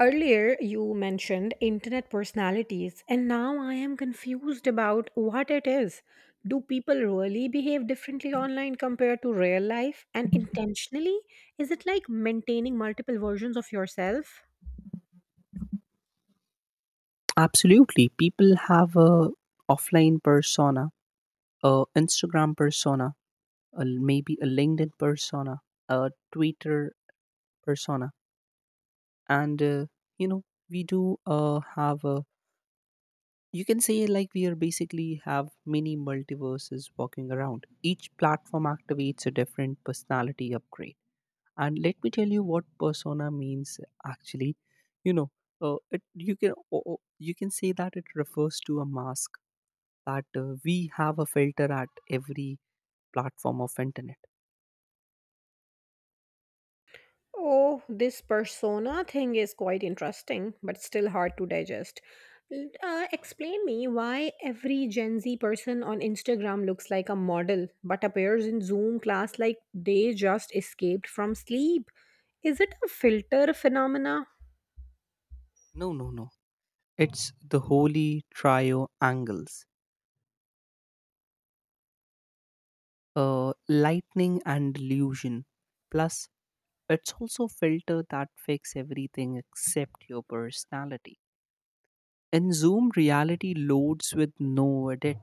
Earlier, you mentioned internet personalities, and now I am confused about what it is. Do people really behave differently online compared to real life and intentionally? Is it like maintaining multiple versions of yourself? Absolutely. People have a offline persona, a Instagram persona, maybe a LinkedIn persona, a Twitter persona, and you know we do have a. You can say like we are basically have many multiverses walking around. Each platform activates a different personality upgrade. And let me tell you what persona means actually. You know, it you can o- o- You can say that it refers to a mask that we have a filter at every platform of internet. Oh, this persona thing is quite interesting, but still hard to digest. Explain me why every Gen Z person on Instagram looks like a model but appears in Zoom class like they just escaped from sleep. Is it a filter phenomena? No, no, no, it's the holy trio, angles, uh, lightning and illusion. Plus it's also filter that fix everything except your personality. In zoom reality loads with no edit.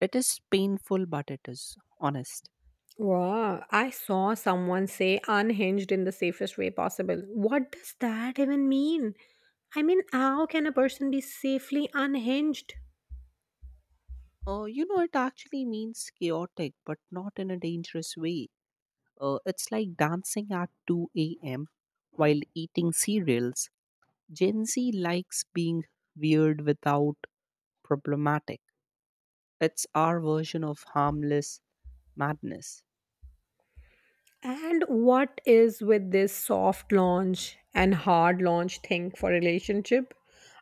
It is painful, but it is honest. Wow, I saw someone say unhinged in the safest way possible. What does that even mean? I mean, how can a person be safely unhinged? It actually means chaotic but not in a dangerous way. It's like dancing at 2 a.m. while eating cereals. Gen Z likes being weird without problematic. It's our version of harmless madness. And what is with this soft launch and hard launch thing for relationship?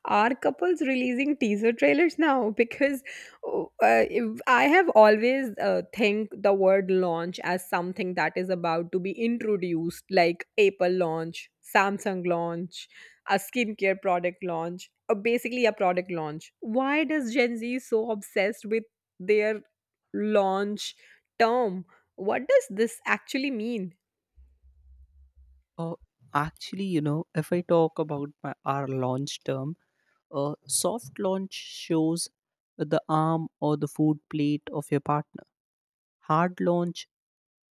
Are couples releasing teaser trailers now? Because I have always think the word launch as something that is about to be introduced, like Apple launch, Samsung launch, a skincare product launch, or basically a product launch. Why does Gen Z so obsessed with their? Launch term. What does this actually mean? Uh, Actually, if I talk about our launch term, soft launch shows the arm or the food plate of your partner. Hard launch,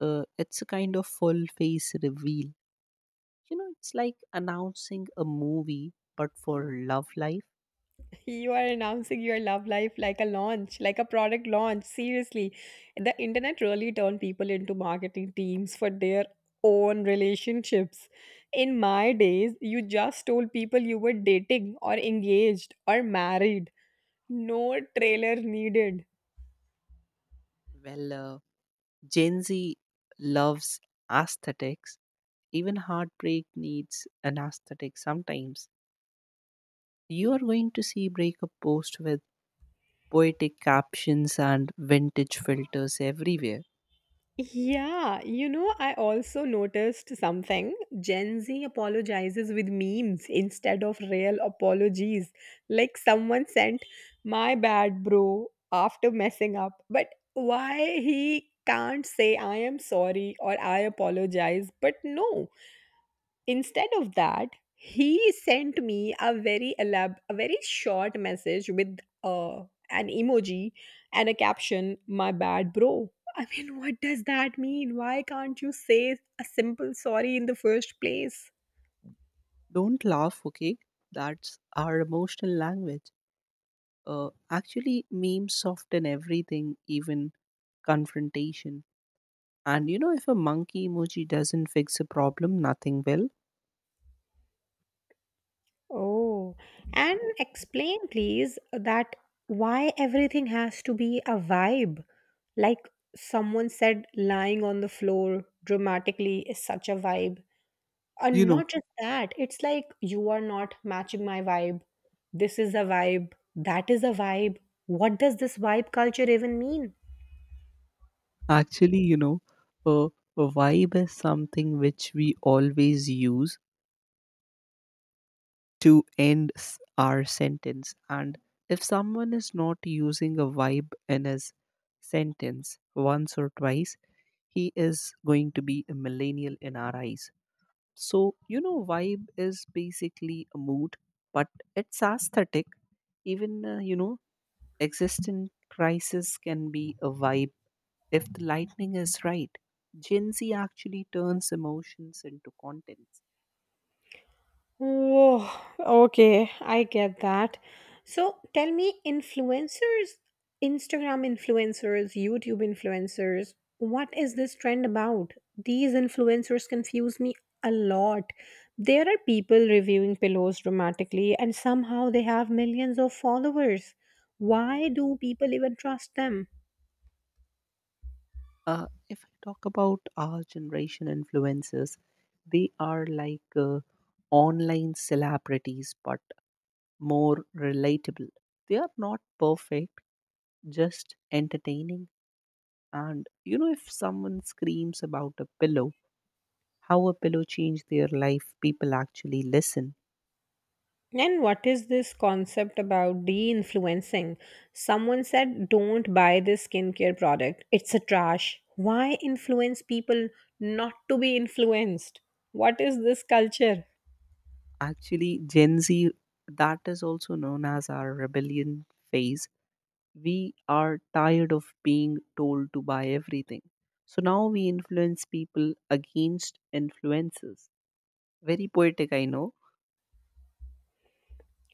it's a kind of full face reveal. It's like announcing a movie, but for love life. You are announcing your love life like a launch, like a product launch. Seriously, the internet really turned people into marketing teams for their own relationships. In my days, you just told people you were dating or engaged or married. No trailer needed. Well, Gen Z loves aesthetics. Even heartbreak needs an aesthetic sometimes. You are going to see breakup posts with poetic captions and vintage filters everywhere. Yeah, you know, I also noticed something. Gen Z apologizes with memes instead of real apologies. Like someone sent, my bad, bro, after messing up. But why he can't say, I am sorry or I apologize? But no. Instead of that, he sent me a a very short message with an emoji and a caption, "My bad, bro." I mean, what does that mean? Why can't you say a simple sorry in the first place? Don't laugh, okay? That's our emotional language. Actually, memes soften everything, even confrontation. And if a monkey emoji doesn't fix a problem, nothing will. Oh, and explain, please, that why everything has to be a vibe. Like someone said, lying on the floor dramatically is such a vibe. You And know, not just that, it's like you are not matching my vibe. This is a vibe. That is a vibe. What does this vibe culture even mean? actually, you know, a, a vibe is something which we always use to end our sentence. And if someone is not using a vibe in his sentence once or twice, he is going to be a millennial in our eyes. So, vibe is basically a mood, but it's aesthetic. Even, existent crisis can be a vibe if the lightning is right. Gen Z actually turns emotions into contents. Whoa, okay, I get that. So tell me, influencers, Instagram influencers, YouTube influencers, what is this trend about? These influencers confuse me a lot. There are people reviewing pillows dramatically, and somehow they have millions of followers. Why do people even trust them? If I talk about our generation influencers, they are like online celebrities but more relatable. They are not perfect, just entertaining. And if someone screams about a pillow, how a pillow changed their life, people actually listen. And what is this concept about de influencing? Someone said, don't buy this skincare product, it's a trash. Why influence people not to be influenced? What is this culture? Actually, Gen Z, that is also known as our rebellion phase. We are tired of being told to buy everything. So now we influence people against influences. Very poetic, I know.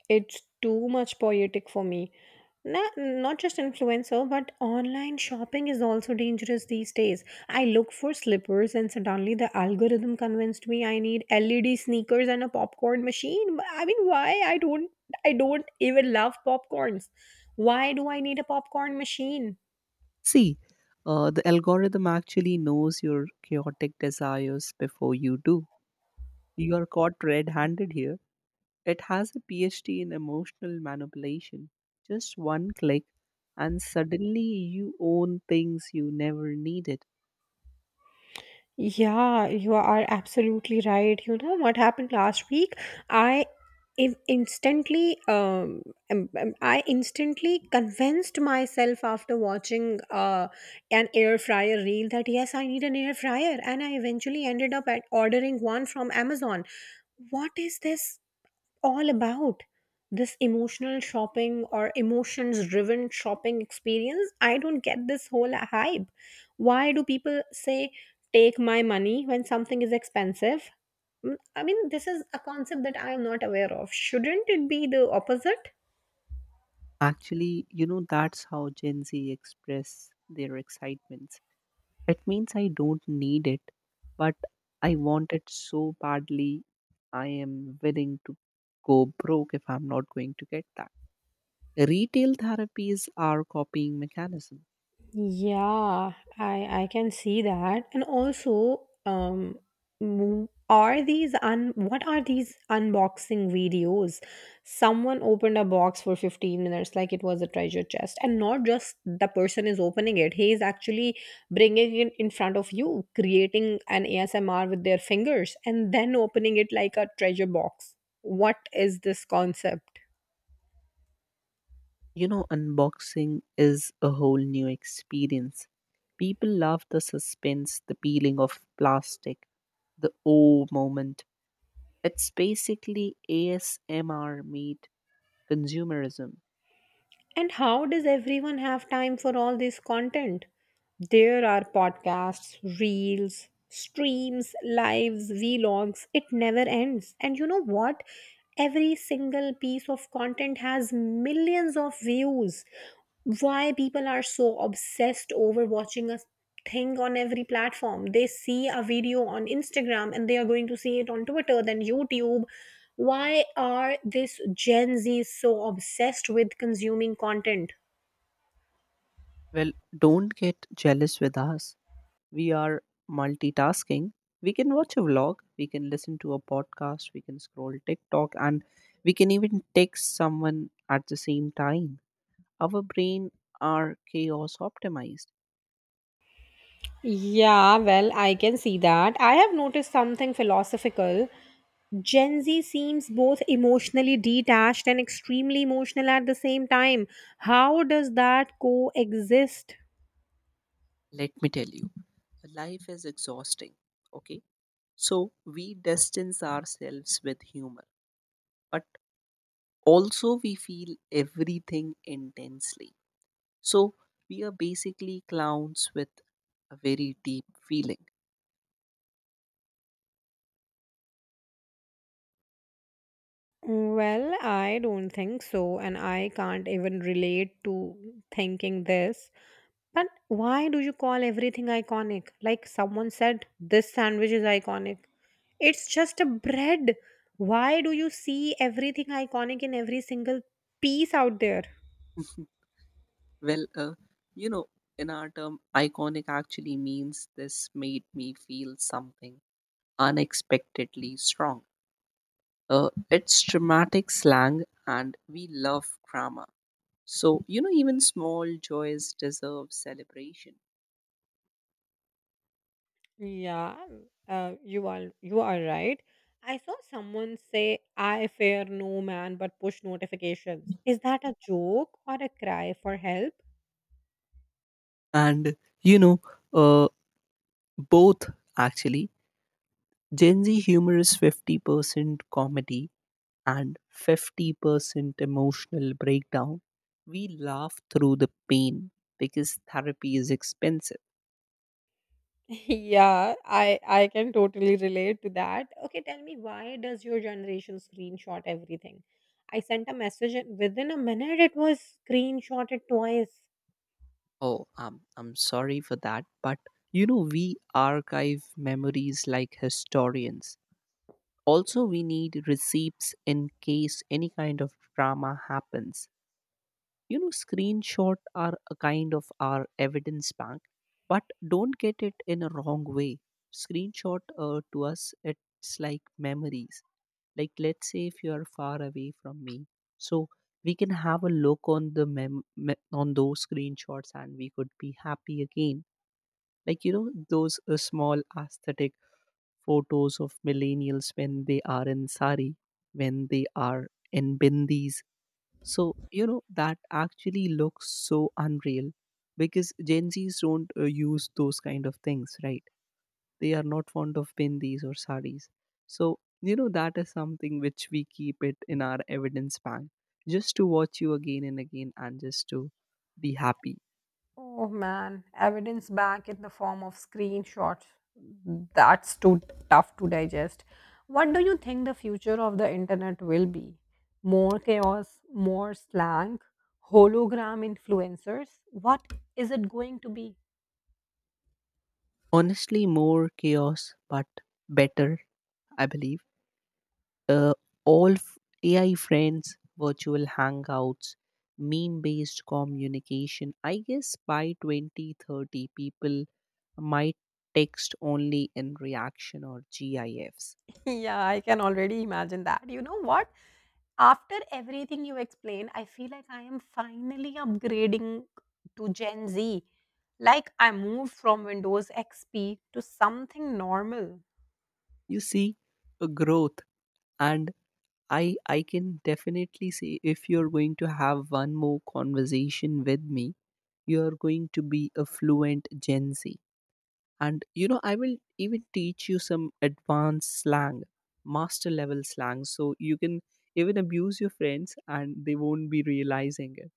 It's too much poetic for me. Not just influencer, but online shopping is also dangerous these days. I look for slippers, and suddenly the algorithm convinced me I need LED sneakers and a popcorn machine. But I mean, why? I don't even love popcorns. Why do I need a popcorn machine? See, the algorithm actually knows your chaotic desires before you do. You are caught red handed here. It has a PhD in emotional manipulation. Just one click, and suddenly you own things you never needed. Yeah, you are absolutely right. You know what happened last week? I instantly, I instantly convinced myself after watching an air fryer reel that yes, I need an air fryer, and I eventually ended up at ordering one from Amazon. What is this? All about this emotional shopping or emotions driven shopping experience. I don't get this whole hype. Why do people say take my money when something is expensive? I mean, this is a concept that I am not aware of. Shouldn't it be the opposite? Actually, that's how Gen Z express their excitements. It means I don't need it, but I want it so badly, I am willing to go broke if I'm not going to get that. Retail therapies are copying mechanism. Yeah, I can see that. And also, are these un what are these unboxing videos? Someone opened a box for 15 minutes like it was a treasure chest, and not just the person is opening it, he is actually bringing it in front of you, creating an ASMR with their fingers, and then opening it like a treasure box. What is this concept? Unboxing is a whole new experience. People love the suspense, the peeling of plastic, the oh moment. It's basically ASMR made consumerism. And how does everyone have time for all this content? There are podcasts, reels, streams, lives, vlogs. It never ends. And you know what? Every single piece of content has millions of views. Why people are so obsessed over watching a thing on every platform? They see a video on Instagram and they are going to see it on Twitter, then YouTube. Why are this Gen Z so obsessed with consuming content? Well, don't get jealous with us. We are multitasking. We can watch a vlog, we can listen to a podcast, we can scroll TikTok, and we can even text someone at the same time. Our brain are chaos optimized. Yeah, well, I can see that. I have noticed something philosophical. Gen Z seems both emotionally detached and extremely emotional at the same time. How does that coexist? Let me tell you, life is exhausting. Okay. So we distance ourselves with humor, but also we feel everything intensely. So we are basically clowns with a very deep feeling. Well, I don't think so, and I can't even relate to thinking this. But why do you call everything iconic? Like someone said, this sandwich is iconic. It's just a bread. Why do you see everything iconic in every single piece out there? Well, you know, in our term, iconic actually means this made me feel something unexpectedly strong. It's dramatic slang, and we love drama. So, even small joys deserve celebration. Yeah, you are right. I saw someone say, "I fear no man but push notifications." Is that a joke or a cry for help? And, uh, both actually. Gen Z humor is 50% comedy and 50% emotional breakdown, we laugh through the pain because therapy is expensive. Yeah, I can totally relate to that. Okay, tell me, why does your generation screenshot everything? I sent a message and within a minute it was screenshotted twice. Oh, I'm sorry for that, but we archive memories like historians. Also, we need receipts in case any kind of drama happens. Screenshot are a kind of our evidence bank, but don't get it in a wrong way. Screenshot to us, it's like memories. Like, let's say if you are far away from me, so we can have a look on the on those screenshots, and we could be happy again. Like those small aesthetic photos of millennials when they are in sari, when they are in bindis, so, that actually looks so unreal because Gen Zs don't use those kind of things, right? They are not fond of bindis or saris. So, that is something which we keep it in our evidence bank just to watch you again and again and just to be happy. Oh man, evidence back in the form of screenshots. That's too tough to digest. What do you think the future of the internet will be? More chaos, more slang, hologram influencers? What is it going to be? Honestly, more chaos, but better, I believe. uh, all f- AI friends, virtual hangouts, meme based communication. I guess by 2030, people might text only in reaction or GIFs. Yeah, I can already imagine that. You know what? After everything you explained, I feel like I am finally upgrading to Gen Z. Like I moved from Windows XP to something normal. You see a growth, and I can definitely say if you're going to have one more conversation with me, you're going to be a fluent Gen Z. And I will even teach you some advanced slang, master level slang, so you can even abuse your friends and they won't be realizing it.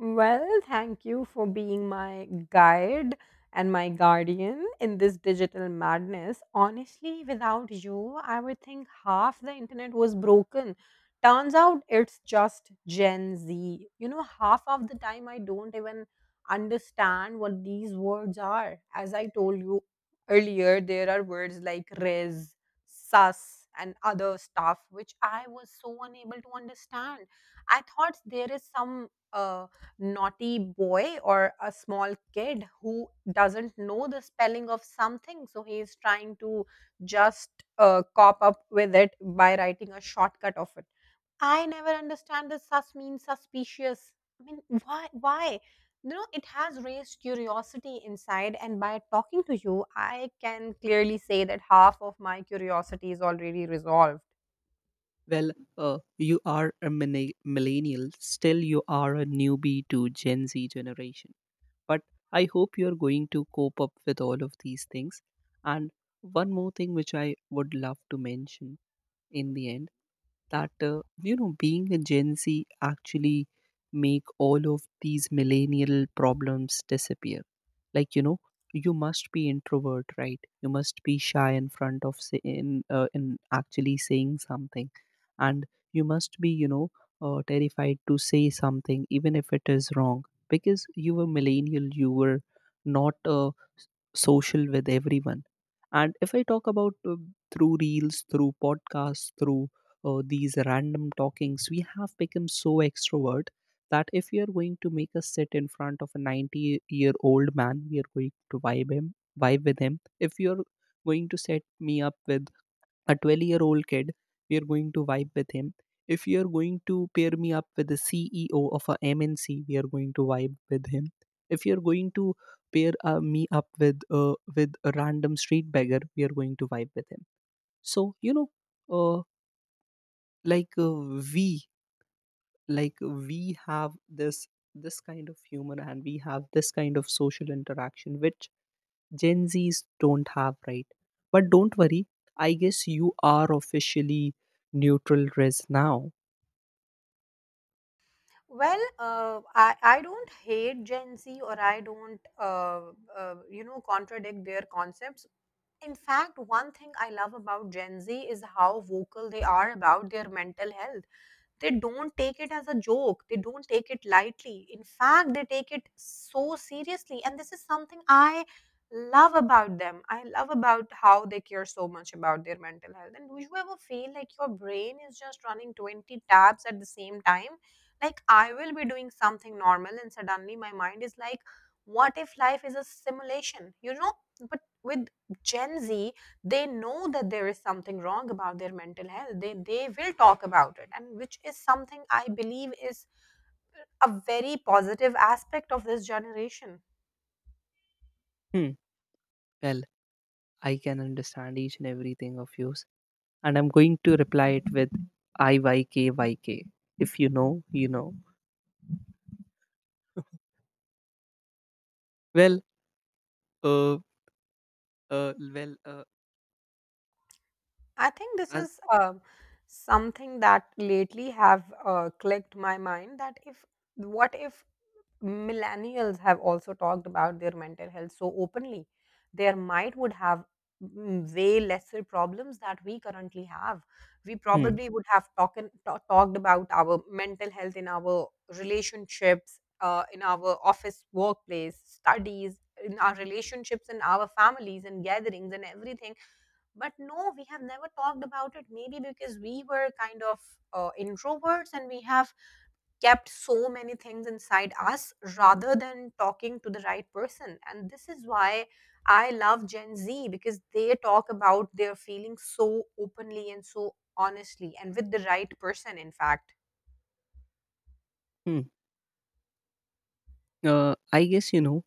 Well, thank you for being my guide and my guardian in this digital madness. Honestly, without you, I would think half the internet was broken. Turns out it's just Gen Z. You know, half of the time I don't even understand what these words are. As I told you earlier, there are words like res, sus, and other stuff which I was so unable to understand. I thought there is some. Naughty boy or a small kid who doesn't know the spelling of something, so he is trying to just cop up with it by writing a shortcut of it. I never understand this sus means suspicious. I mean, why, you know, it has raised curiosity inside, and by talking to you I can clearly say that half of my curiosity is already resolved. Well, you are a millennial, still, you are a newbie to Gen Z generation. But I hope you're going to cope up with all of these things. And one more thing which I would love to mention in the end that being a Gen Z actually make all of these millennial problems disappear. Like you must be introvert, right, you must be shy in front of say, in actually saying something. And you must be terrified to say something even if it is wrong, because you were millennial, you were not social with everyone. And if I talk about through reels, through podcasts, through these random talkings, we have become so extrovert that if you are going to make us sit in front of a 90-year-old man, we are going to vibe with him. If you are going to set me up with a 12-year-old kid, we are going to vibe with him. If you are going to pair me up with the CEO of a MNC, we are going to vibe with him. If you are going to pair me up with a random street beggar, we are going to vibe with him. So uh, like we like we have this this kind of humor, and we have this kind of social interaction which Gen Zs don't have, right? But don't worry, I guess you are officially neutral res now. Well, I, don't hate Gen Z, or I don't, you know, contradict their concepts. In fact, one thing I love about Gen Z is how vocal they are about their mental health. They don't take it as a joke, they don't take it lightly. In fact, they take it so seriously, and this is something I love about them. I love about how they care so much about their mental health. And do you ever feel like your brain is just running 20 tabs at the same time? Like I will be doing something normal and suddenly my mind is like, what if life is a simulation? You know, but with Gen Z, they know that there is something wrong about their mental health. They will talk about it, and which is something I believe is a very positive aspect of this generation. Hmm. Well, I can understand each and everything of yours, and I'm going to reply it with IYKYK. If you know, you know. Well, uh, well, I think this as is something that lately have clicked my mind, that if what if millennials have also talked about their mental health so openly, their mind would have way lesser problems that we currently have. We hmm, probably would have talked about our mental health in our relationships, in our office workplace studies, in our relationships, in our families and gatherings and everything. But no, we have never talked about it, maybe because we were kind of introverts, and we have kept so many things inside us rather than talking to the right person. And this is why I love Gen Z, because they talk about their feelings so openly and so honestly and with the right person, in fact. hmm, I guess you know,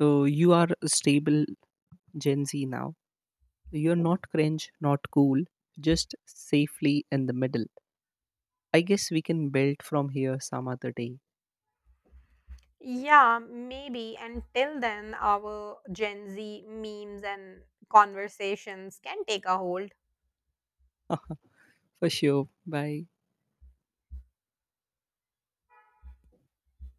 uh, you are a stable Gen Z now. You're not cringe, not cool, just safely in the middle. I guess we can build from here some other day. Yeah, maybe. And till then, our Gen Z memes and conversations can take a hold. For sure. Bye.